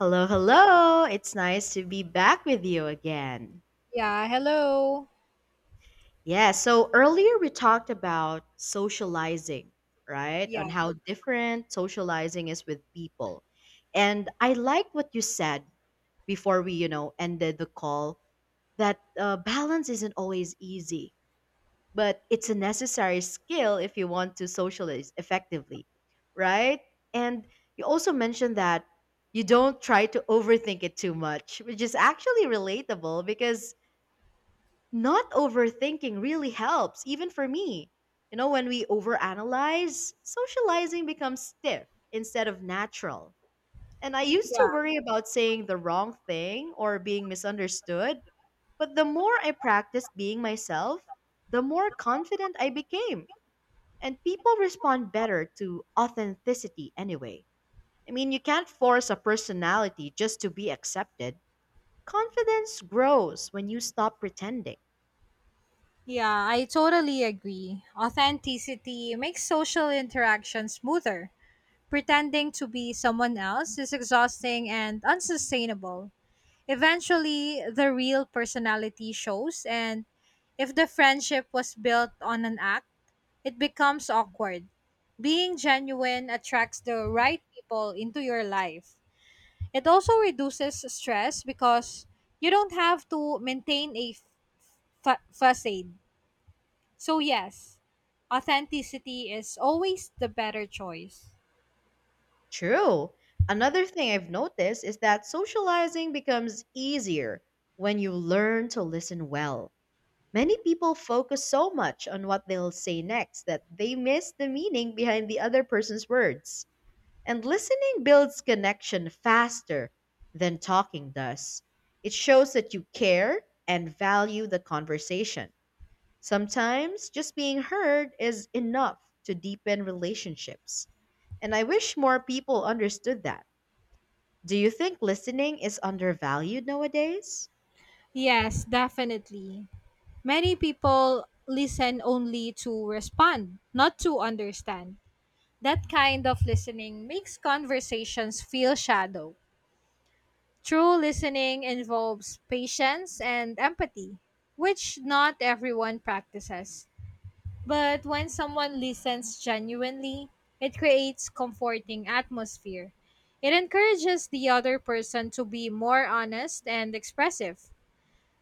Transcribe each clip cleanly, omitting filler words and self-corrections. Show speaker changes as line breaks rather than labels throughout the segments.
Hello, hello. It's nice to be back with you again.
Yeah, hello.
Yeah, so earlier we talked about socializing, right?
Yeah,
On how different socializing is with people. And I like what you said before we ended the call that balance isn't always easy. But it's a necessary skill if you want to socialize effectively, right? And you also mentioned that you don't try to overthink it too much, which is actually relatable because not overthinking really helps, even for me. You know, when we overanalyze, socializing becomes stiff instead of natural. And I used to
yeah,
worry about saying the wrong thing or being misunderstood, but the more I practiced being myself, the more confident I became and people respond better to authenticity anyway. I mean, you can't force a personality just to be accepted. Confidence grows when you stop pretending.
yeah, I totally agree. Authenticity makes social interaction smoother. Pretending to be someone else is exhausting and unsustainable. Eventually, the real personality shows, and if the friendship was built on an act, it becomes awkward. Being genuine attracts the right people into your life. It also reduces stress because you don't have to maintain a facade. So, yes, authenticity is always the better choice.
True. Another thing I've noticed is that socializing becomes easier when you learn to listen well. Many people focus so much on what they'll say next that they miss the meaning behind the other person's words. And listening builds connection faster than talking does. It shows that you care and value the conversation. Sometimes just being heard is enough to deepen relationships. And I wish more people understood that. Do you think listening is undervalued nowadays?
Yes, definitely. Many people listen only to respond, not to understand. That kind of listening makes conversations feel shallow. True listening involves patience and empathy, which not everyone practices. But when someone listens genuinely, it creates comforting atmosphere. It encourages the other person to be more honest and expressive.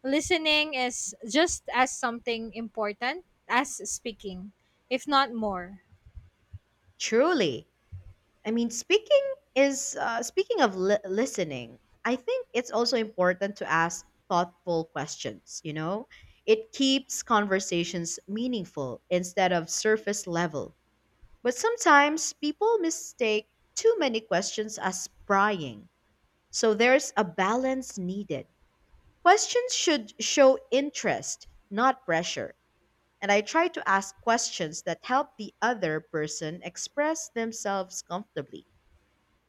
Listening is just as something important as speaking, if not more.
Truly. I mean, speaking of listening, I think it's also important to ask thoughtful questions, you know? It keeps conversations meaningful instead of surface level. But sometimes people mistake too many questions as prying. So there's a balance needed. Questions should show interest, not pressure. And I try to ask questions that help the other person express themselves comfortably.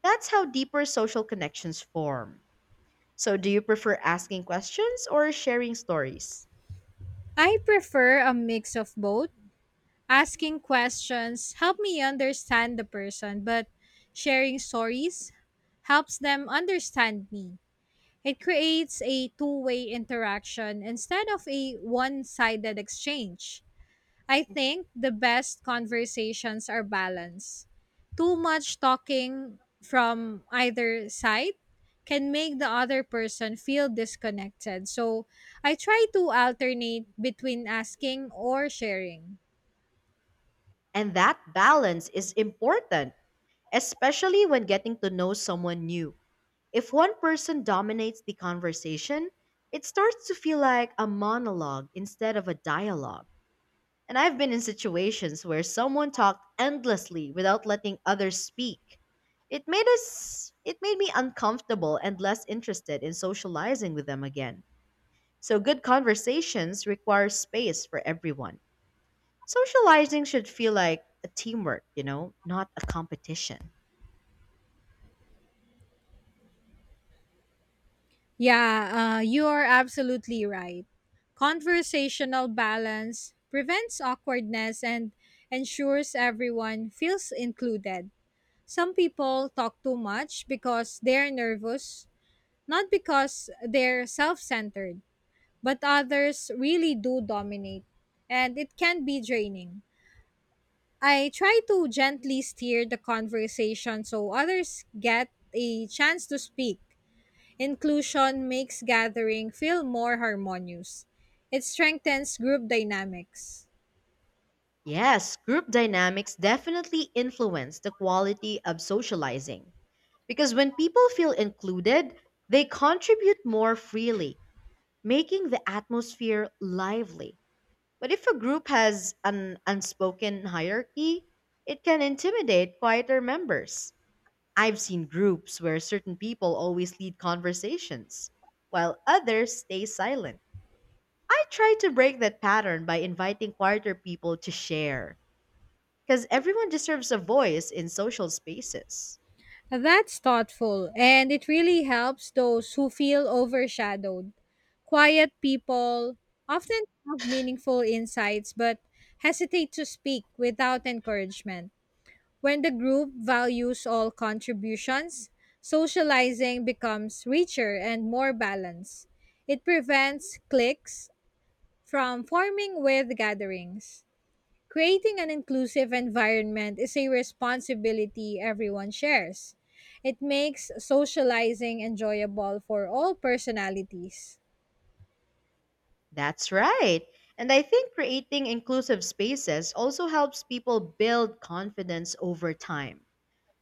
That's how deeper social connections form. So, do you prefer asking questions or sharing stories?
I prefer a mix of both. Asking questions help me understand the person, but sharing stories helps them understand me. It creates a two-way interaction instead of a one sided exchange. I think the best conversations are balanced. Too much talking from either side can make the other person feel disconnected. So I try to alternate between asking or sharing.
And that balance is important, especially when getting to know someone new. If one person dominates the conversation, it starts to feel like a monologue instead of a dialogue. And I've been in situations where someone talked endlessly without letting others speak. It made me uncomfortable and less interested in socializing with them again. So good conversations require space for everyone. Socializing should feel like a teamwork, you know, not a competition.
Yeah, you are absolutely right. Conversational balance prevents awkwardness and ensures everyone feels included. Some people talk too much because they're nervous, not because they're self centered, but others really do dominate, and it can be draining. I try to gently steer the conversation so others get a chance to speak. Inclusion makes gathering feel more harmonious. It strengthens group dynamics.
Yes, group dynamics definitely influence the quality of socializing because when people feel included, they contribute more freely, making the atmosphere lively. But if a group has an unspoken hierarchy, it can intimidate quieter members. I've seen groups where certain people always lead conversations, while others stay silent. I try to break that pattern by inviting quieter people to share, because everyone deserves a voice in social spaces.
That's thoughtful, and it really helps those who feel overshadowed. Quiet people often have meaningful insights but hesitate to speak without encouragement. When the group values all contributions, socializing becomes richer and more balanced. It prevents cliques from forming with gatherings. Creating an inclusive environment is a responsibility everyone shares. It makes socializing enjoyable for all personalities.
That's right. And I think creating inclusive spaces also helps people build confidence over time.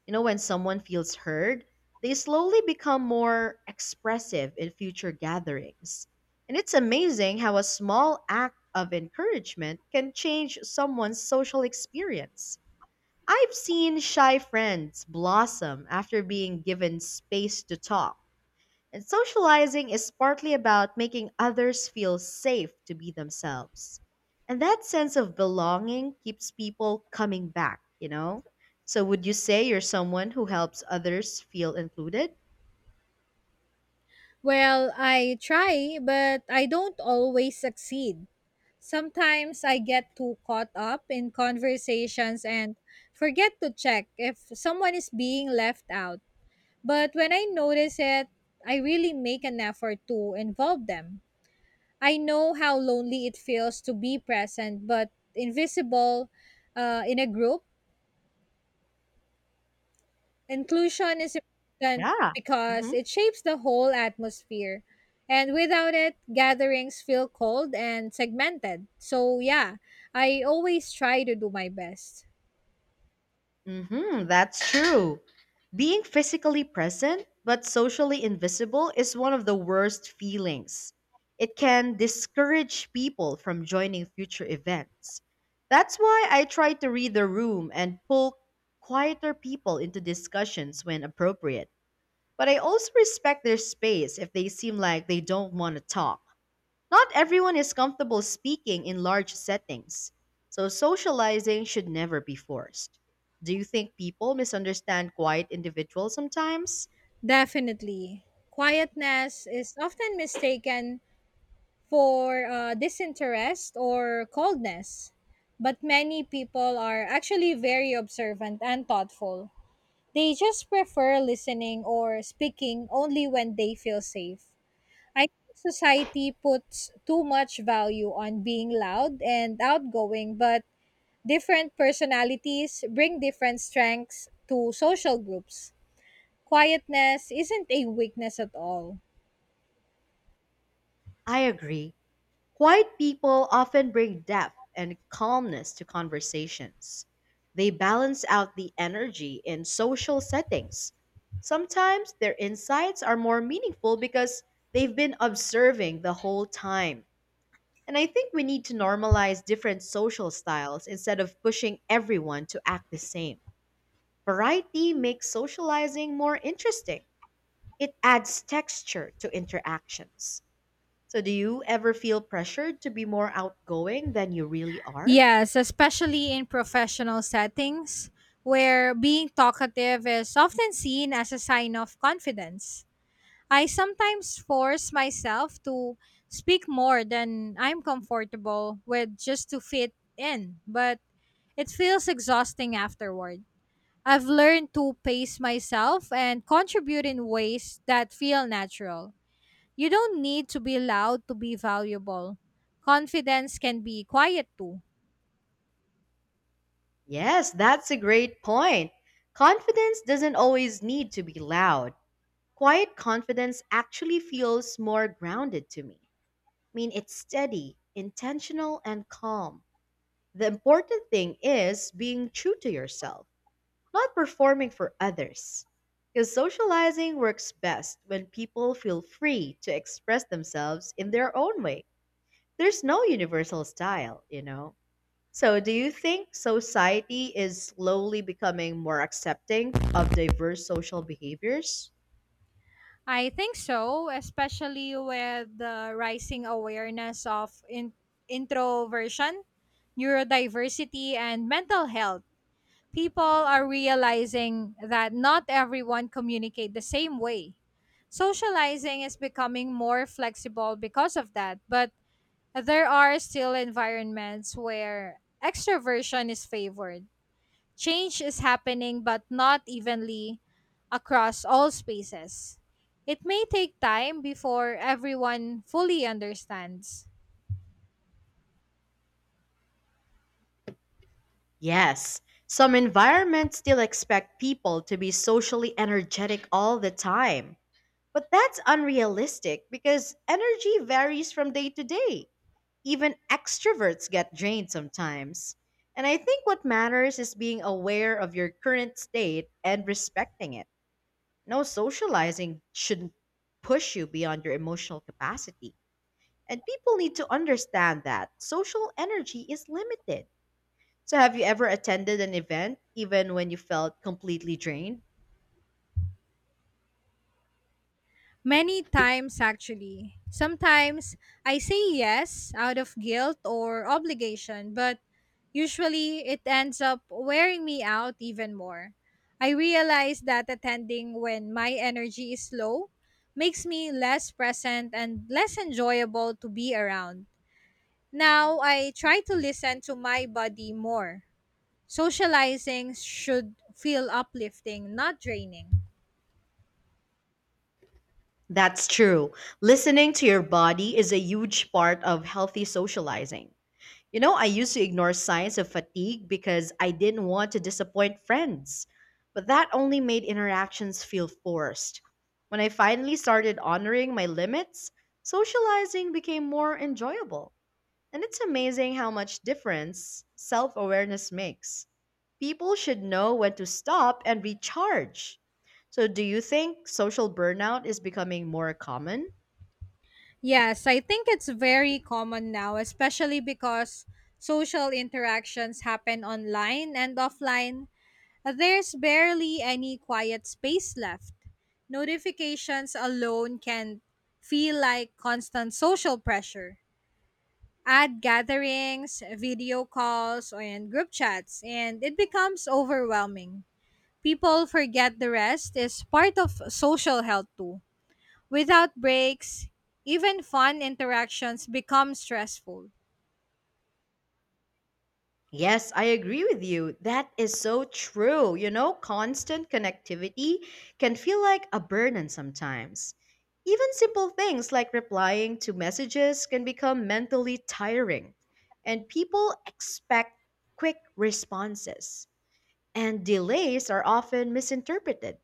You know, when someone feels heard, they slowly become more expressive in future gatherings. And it's amazing how a small act of encouragement can change someone's social experience. I've seen shy friends blossom after being given space to talk, and socializing is partly about making others feel safe to be themselves. And that sense of belonging keeps people coming back, you know? So, would you say you're someone who helps others feel included?
Well, I try, but I don't always succeed. Sometimes I get too caught up in conversations and forget to check if someone is being left out. But when I notice it, I really make an effort to involve them. I know how lonely it feels to be present but invisible, in a group. Inclusion is important
Yeah.
because
Hmm.
it shapes the whole atmosphere. And without it, gatherings feel cold and segmented. So, yeah, I always try to do my best.
Mm-hmm, that's true. Being physically present but socially invisible is one of the worst feelings. It can discourage people from joining future events. That's why I try to read the room and pull quieter people into discussions when appropriate. But I also respect their space if they seem like they don't want to talk. Not everyone is comfortable speaking in large settings, so socializing should never be forced. Do you think people misunderstand quiet individuals sometimes?
Definitely. Quietness is often mistaken for disinterest or coldness, but many people are actually very observant and thoughtful. They just prefer listening or speaking only when they feel safe. I think society puts too much value on being loud and outgoing, but different personalities bring different strengths to social groups. Quietness isn't a weakness at all.
I agree. Quiet people often bring depth and calmness to conversations. They balance out the energy in social settings. Sometimes their insights are more meaningful because they've been observing the whole time. And I think we need to normalize different social styles instead of pushing everyone to act the same. Variety makes socializing more interesting, it adds texture to interactions. So, do you ever feel pressured to be more outgoing than you really are?
Yes, especially in professional settings where being talkative is often seen as a sign of confidence. I sometimes force myself to speak more than I'm comfortable with just to fit in, but it feels exhausting afterward. I've learned to pace myself and contribute in ways that feel natural. You don't need to be loud to be valuable. Confidence can be quiet too.
Yes, that's a great point. Confidence doesn't always need to be loud. Quiet confidence actually feels more grounded to me. Mean it's steady, intentional, and calm. The important thing is being true to yourself, not performing for others. Because socializing works best when people feel free to express themselves in their own way. There's no universal style, you know? So, do you think society is slowly becoming more accepting of diverse social behaviors?
I think so, especially with the rising awareness of introversion, neurodiversity, and mental health. People are realizing that not everyone communicate the same way. Socializing is becoming more flexible because of that, but there are still environments where extroversion is favored. Change is happening, but not evenly across all spaces. It may take time before everyone fully understands.
Yes, some environments still expect people to be socially energetic all the time. But that's unrealistic because energy varies from day to day. Even extroverts get drained sometimes. And I think what matters is being aware of your current state and respecting it. No, socializing shouldn't push you beyond your emotional capacity. And people need to understand that social energy is limited. So, have you ever attended an event even when you felt completely drained?
Many times, actually. Sometimes I say yes out of guilt or obligation, but usually it ends up wearing me out even more. I realize that attending when my energy is low makes me less present and less enjoyable to be around. Now I try to listen to my body more. Socializing should feel uplifting, not draining.
That's true. Listening to your body is a huge part of healthy socializing. You know, I used to ignore signs of fatigue because I didn't want to disappoint friends, but that only made interactions feel forced. When I finally started honoring my limits, socializing became more enjoyable. And it's amazing how much difference self awareness makes. People should know when to stop and recharge. So, do you think social burnout is becoming more common?
Yes, I think it's very common now, especially because social interactions happen online and offline. There's barely any quiet space left. Notifications alone can feel like constant social pressure. Add gatherings, video calls, and group chats, and it becomes overwhelming. People forget the rest is part of social health too. Without breaks, even fun interactions become stressful.
Yes, I agree with you. That is so true. You know, constant connectivity can feel like a burden sometimes. Even simple things like replying to messages can become mentally tiring, and people expect quick responses, and delays are often misinterpreted.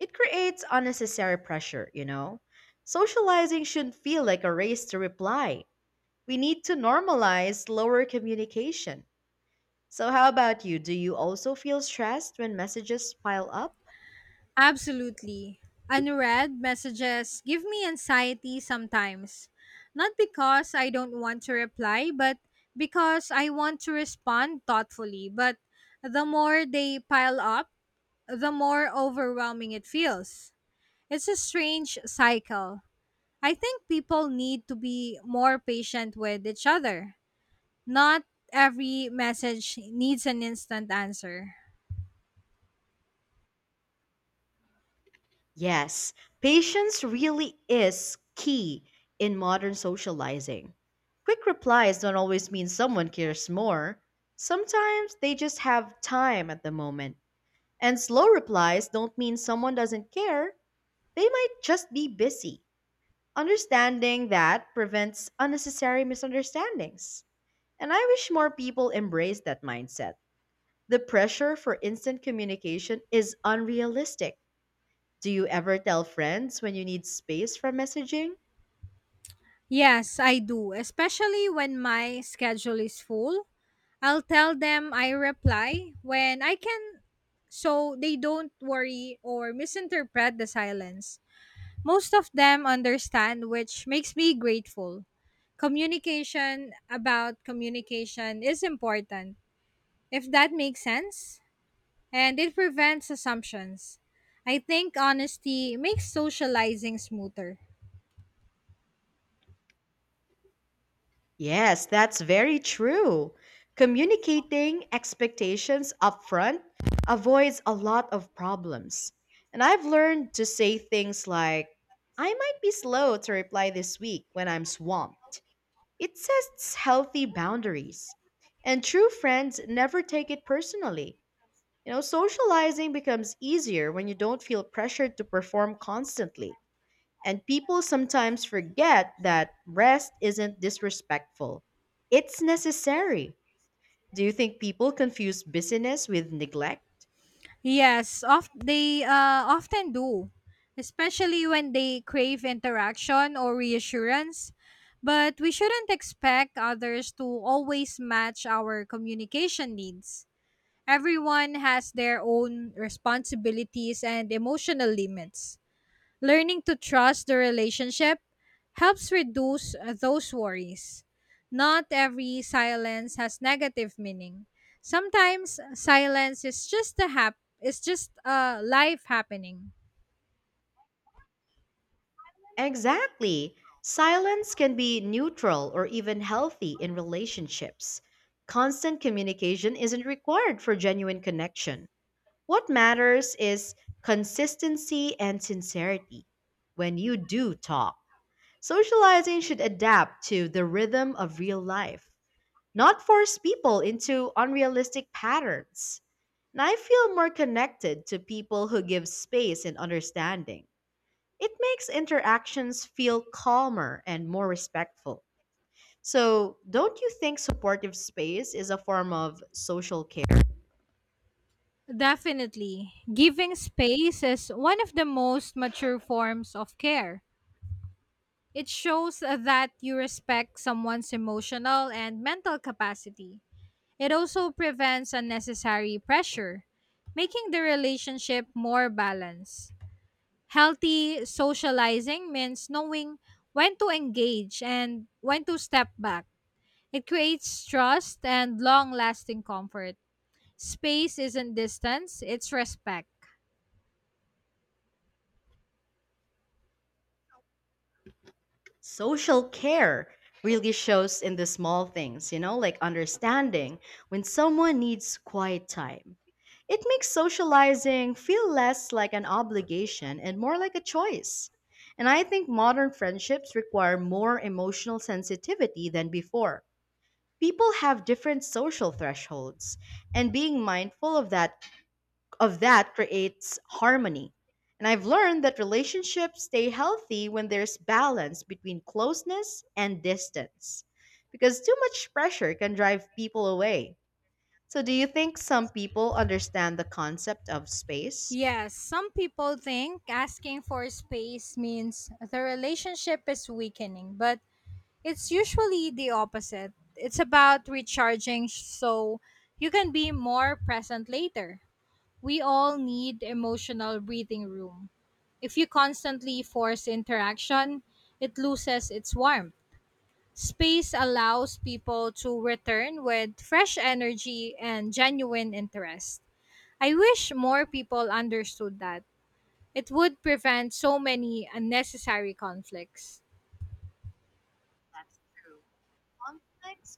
It creates unnecessary pressure, you know. Socializing shouldn't feel like a race to reply. We need to normalize slower communication. So, how about you? Do you also feel stressed when messages pile up?
Absolutely. Unread messages give me anxiety sometimes. Not because I don't want to reply, but because I want to respond thoughtfully. But the more they pile up, the more overwhelming it feels. It's a strange cycle. I think people need to be more patient with each other. Not every message needs an instant answer.
Yes, patience really is key in modern socializing. Quick replies don't always mean someone cares more. Sometimes they just have time at the moment. And slow replies don't mean someone doesn't care, they might just be busy. Understanding that prevents unnecessary misunderstandings. And I wish more people embrace that mindset. The pressure for instant communication is unrealistic. Do you ever tell friends when you need space from messaging?
Yes, I do, especially when my schedule is full. I'll tell them I reply when I can so they don't worry or misinterpret the silence. Most of them understand, which makes me grateful. Communication about communication is important, if that makes sense, and it prevents assumptions. I think honesty makes socializing smoother.
Yes, that's very true. Communicating expectations upfront avoids a lot of problems. And I've learned to say things like, I might be slow to reply this week when I'm swamped. It sets healthy boundaries. And true friends never take it personally. You know, socializing becomes easier when you don't feel pressured to perform constantly. And people sometimes forget that rest isn't disrespectful, it's necessary. Do you think people confuse busyness with neglect?
Yes, of, they often do, especially when they crave interaction or reassurance. But we shouldn't expect others to always match our communication needs. Everyone has their own responsibilities and emotional limits. Learning to trust the relationship helps reduce those worries. Not every silence has negative meaning. Sometimes silence is just a hap is just a life happening.
Exactly. Silence can be neutral or even healthy in relationships. Constant communication isn't required for genuine connection. What matters is consistency and sincerity when you do talk. Socializing should adapt to the rhythm of real life, not force people into unrealistic patterns. And I feel more connected to people who give space and understanding. It makes interactions feel calmer and more respectful. So, don't you think supportive space is a form of social care?
Definitely, giving space is one of the most mature forms of care. It shows that you respect someone's emotional and mental capacity. It also prevents unnecessary pressure, making the relationship more balanced. Healthy socializing means knowing when to engage and when to step back. It creates trust and long lasting comfort. Space isn't distance, it's respect.
Social care really shows in the small things, you know, like understanding when someone needs quiet time. It makes socializing feel less like an obligation and more like a choice. And I think modern friendships require more emotional sensitivity than before. People have different social thresholds, and being mindful of that creates harmony. And I've learned that relationships stay healthy when there's balance between closeness and distance, because too much pressure can drive people away. So, do you think some people understand the concept of space?
Yes, some people think asking for space means the relationship is weakening, but it's usually the opposite. It's about recharging so you can be more present later. We all need emotional breathing room. If you constantly force interaction, it loses its warmth. Space allows people to return with fresh energy and genuine interest. I wish more people understood that. It would prevent so many unnecessary conflicts.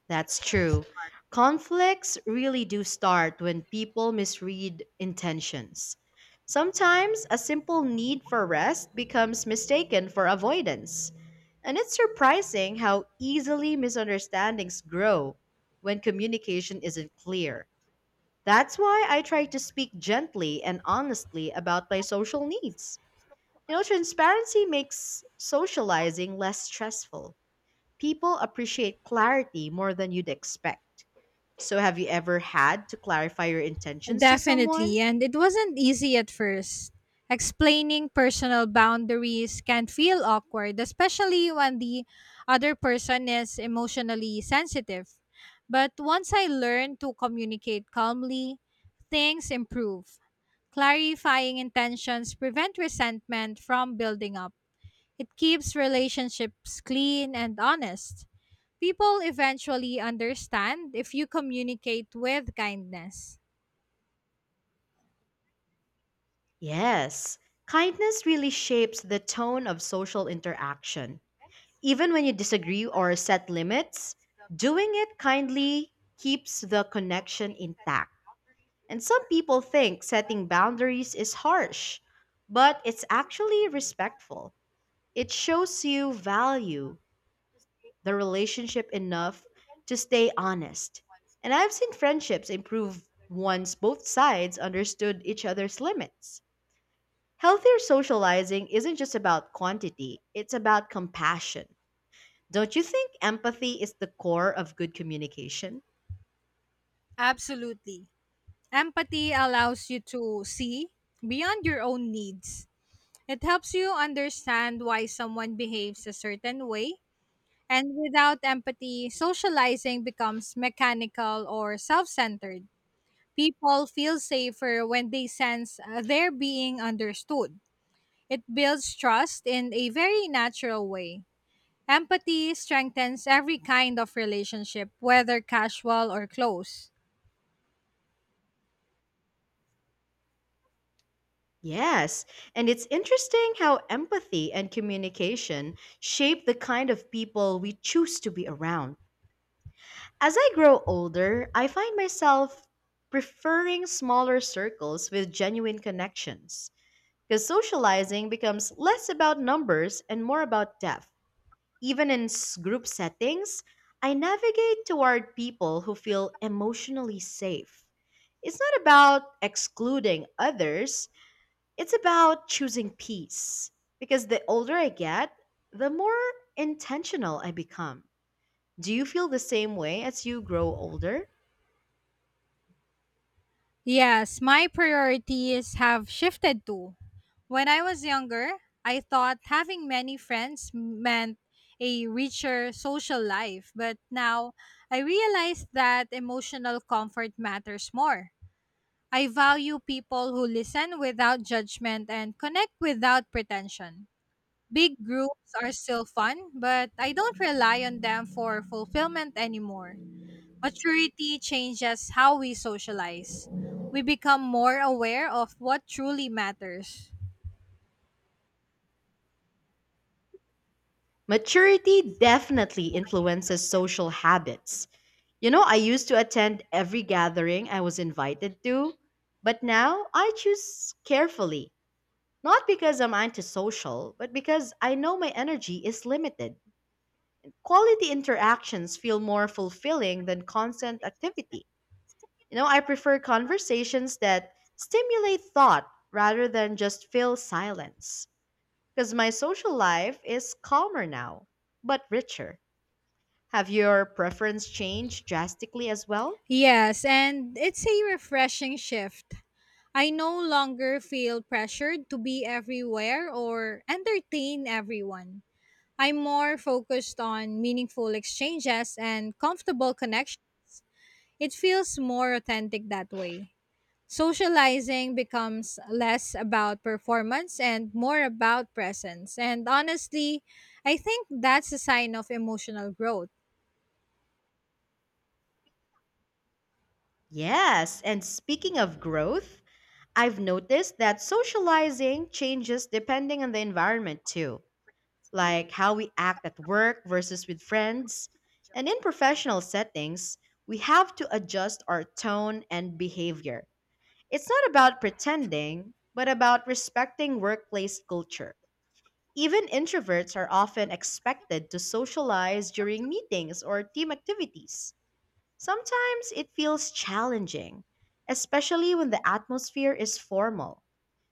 That's true. Conflicts really do start when people misread intentions. Sometimes a simple need for rest becomes mistaken for avoidance. And it's surprising how easily misunderstandings grow when communication isn't clear. That's why I try to speak gently and honestly about my social needs. You know, transparency makes socializing less stressful. People appreciate clarity more than you'd expect. So, have you ever had to clarify your intentions to someone?
Definitely, and it wasn't easy at first. Explaining personal boundaries can feel awkward, especially when the other person is emotionally sensitive. But once I learned to communicate calmly, things improve. Clarifying intentions prevent resentment from building up. It keeps relationships clean and honest. People eventually understand if you communicate with kindness.
Yes, kindness really shapes the tone of social interaction. Even when you disagree or set limits, doing it kindly keeps the connection intact. And some people think setting boundaries is harsh, but it's actually respectful. It shows you value the relationship enough to stay honest. And I've seen friendships improve once both sides understood each other's limits. Healthier socializing isn't just about quantity, it's about compassion. Don't you think empathy is the core of good communication?
Absolutely. Empathy allows you to see beyond your own needs. It helps you understand why someone behaves a certain way. And without empathy, socializing becomes mechanical or self centered. People feel safer when they sense they're being understood. It builds trust in a very natural way. Empathy strengthens every kind of relationship, whether casual or close.
Yes, and it's interesting how empathy and communication shape the kind of people we choose to be around. As I grow older, I find myself preferring smaller circles with genuine connections because socializing becomes less about numbers and more about depth. Even in group settings, I navigate toward people who feel emotionally safe. It's not about excluding others, it's about choosing peace. Because the older I get, the more intentional I become. Do you feel the same way as you grow older?
Yes, my priorities have shifted too. When I was younger, I thought having many friends meant a richer social life, but now I realize that emotional comfort matters more. I value people who listen without judgment and connect without pretension. Big groups are still fun, but I don't rely on them for fulfillment anymore. Maturity changes how we socialize. We become more aware of what truly matters.
Maturity definitely influences social habits. You know, I used to attend every gathering I was invited to, but now I choose carefully. Not because I'm antisocial, but because I know my energy is limited. Quality interactions feel more fulfilling than constant activity. You know, I prefer conversations that stimulate thought rather than just fill silence. Because my social life is calmer now, but richer. Have your preference changed drastically as well?
Yes, and it's a refreshing shift. I no longer feel pressured to be everywhere or entertain everyone. I'm more focused on meaningful exchanges and comfortable connections. It feels more authentic that way. Socializing becomes less about performance and more about presence. And honestly, I think that's a sign of emotional growth.
Yes, and speaking of growth, I've noticed that socializing changes depending on the environment too, like how we act at work versus with friends. And in professional settings, we have to adjust our tone and behavior. It's not about pretending, but about respecting workplace culture. Even introverts are often expected to socialize during meetings or team activities. Sometimes it feels challenging, especially when the atmosphere is formal.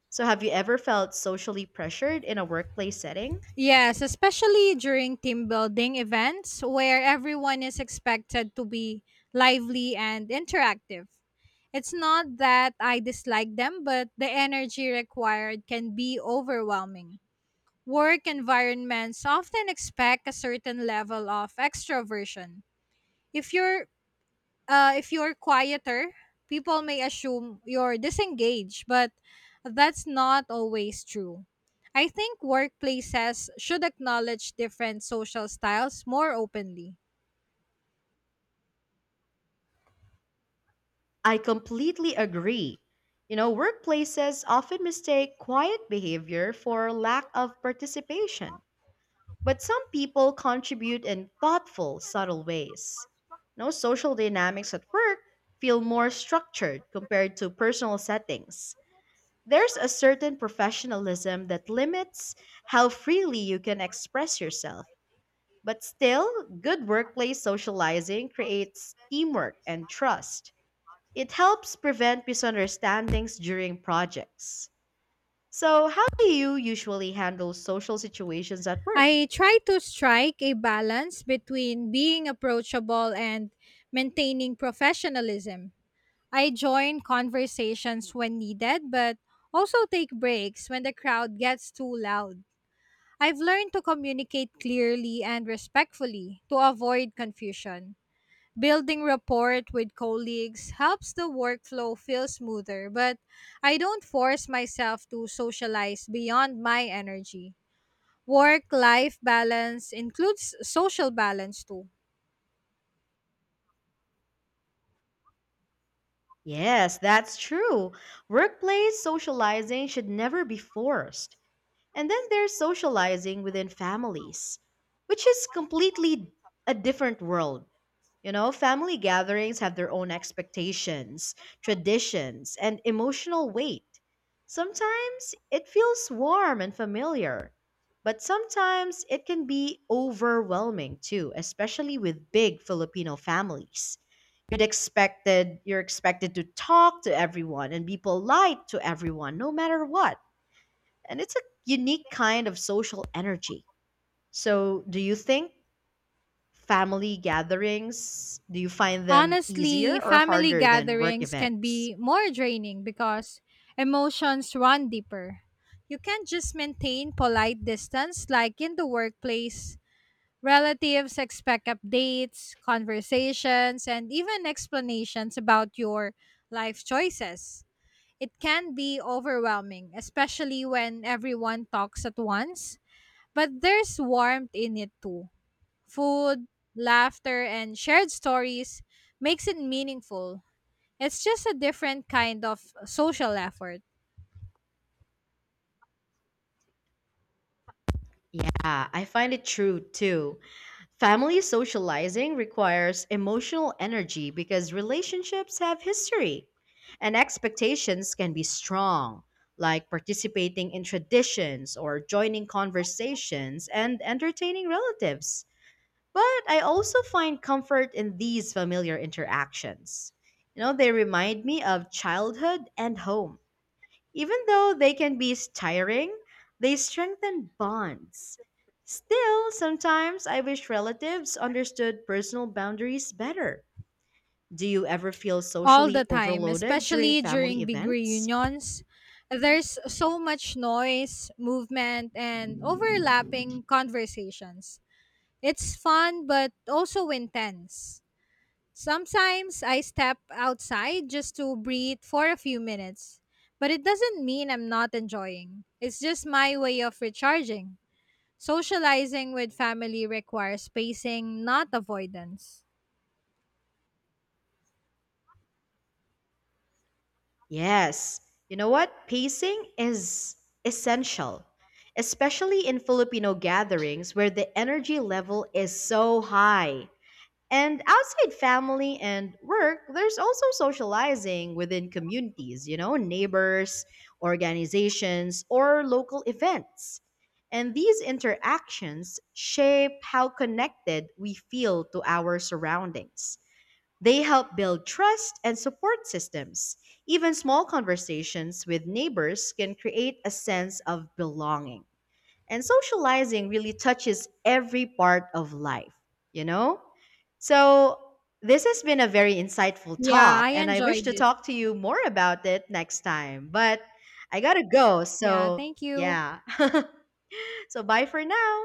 So, have you ever felt socially pressured in a workplace setting?
Yes, especially during team building events where everyone is expected to be lively and interactive. It's not that I dislike them, but the energy required can be overwhelming. Work environments often expect a certain level of extroversion. If you're if you're quieter, people may assume you're disengaged, but that's not always true. I think workplaces should acknowledge different social styles more openly.
I completely agree. You know, workplaces often mistake quiet behavior for lack of participation. But some people contribute in thoughtful, subtle ways. No, social dynamics at work feel more structured compared to personal settings. There's a certain professionalism that limits how freely you can express yourself. But still, good workplace socializing creates teamwork and trust. It helps prevent misunderstandings during projects. So, how do you usually handle social situations at work?
I try to strike a balance between being approachable and maintaining professionalism. I join conversations when needed, but also take breaks when the crowd gets too loud. I've learned to communicate clearly and respectfully to avoid confusion. Building rapport with colleagues helps the workflow feel smoother, but I don't force myself to socialize beyond my energy. Work life balance includes social balance too.
Yes, that's true. Workplace socializing should never be forced. And then there's socializing within families, which is completely a different world. You know, family gatherings have their own expectations, traditions, and emotional weight. Sometimes it feels warm and familiar, but sometimes it can be overwhelming too, especially with big Filipino families. You're expected to talk to everyone and be polite to everyone no matter what, and it's a unique kind of social energy. So, do you think family gatherings, do you find them
Honestly,
easier or
family
harder than work
gatherings can
events?
be more draining because emotions run deeper. You can't just maintain polite distance like in the workplace. Relatives expect updates, conversations, and even explanations about your life choices. It can be overwhelming, especially when everyone talks at once, but there's warmth in it too. Food, laughter, and shared stories makes it meaningful. It's just a different kind of social effort.
Yeah, I find it true too. Family socializing requires emotional energy because relationships have history and expectations can be strong, like participating in traditions or joining conversations and entertaining relatives. But I also find comfort in these familiar interactions. You know, they remind me of childhood and home. Even though they can be tiring, they strengthen bonds. Still, sometimes I wish relatives understood personal boundaries better. Do you ever feel
All the
socially
time,
overloaded during
especially
family
during big
events?
reunions. There's so much noise, movement, and overlapping conversations. It's fun, but also intense. Sometimes I step outside just to breathe for a few minutes, but it doesn't mean I'm not enjoying. It's just my way of recharging. Socializing with family requires spacing, not avoidance.
Yes. You know what? Pacing is essential, especially in Filipino gatherings where the energy level is so high. And outside family and work, there's also socializing within communities, you know, neighbors, organizations, or local events. And these interactions shape how connected we feel to our surroundings. They help build trust and support systems. Even small conversations with neighbors can create a sense of belonging. And socializing really touches every part of life, you know? So, this has been a very insightful
Yeah,
talk,
I
and I wish
enjoyed
to
it.
talk to you more about it next time. But I gotta go,
Yeah,
so
thank you.
yeah. So, bye for now.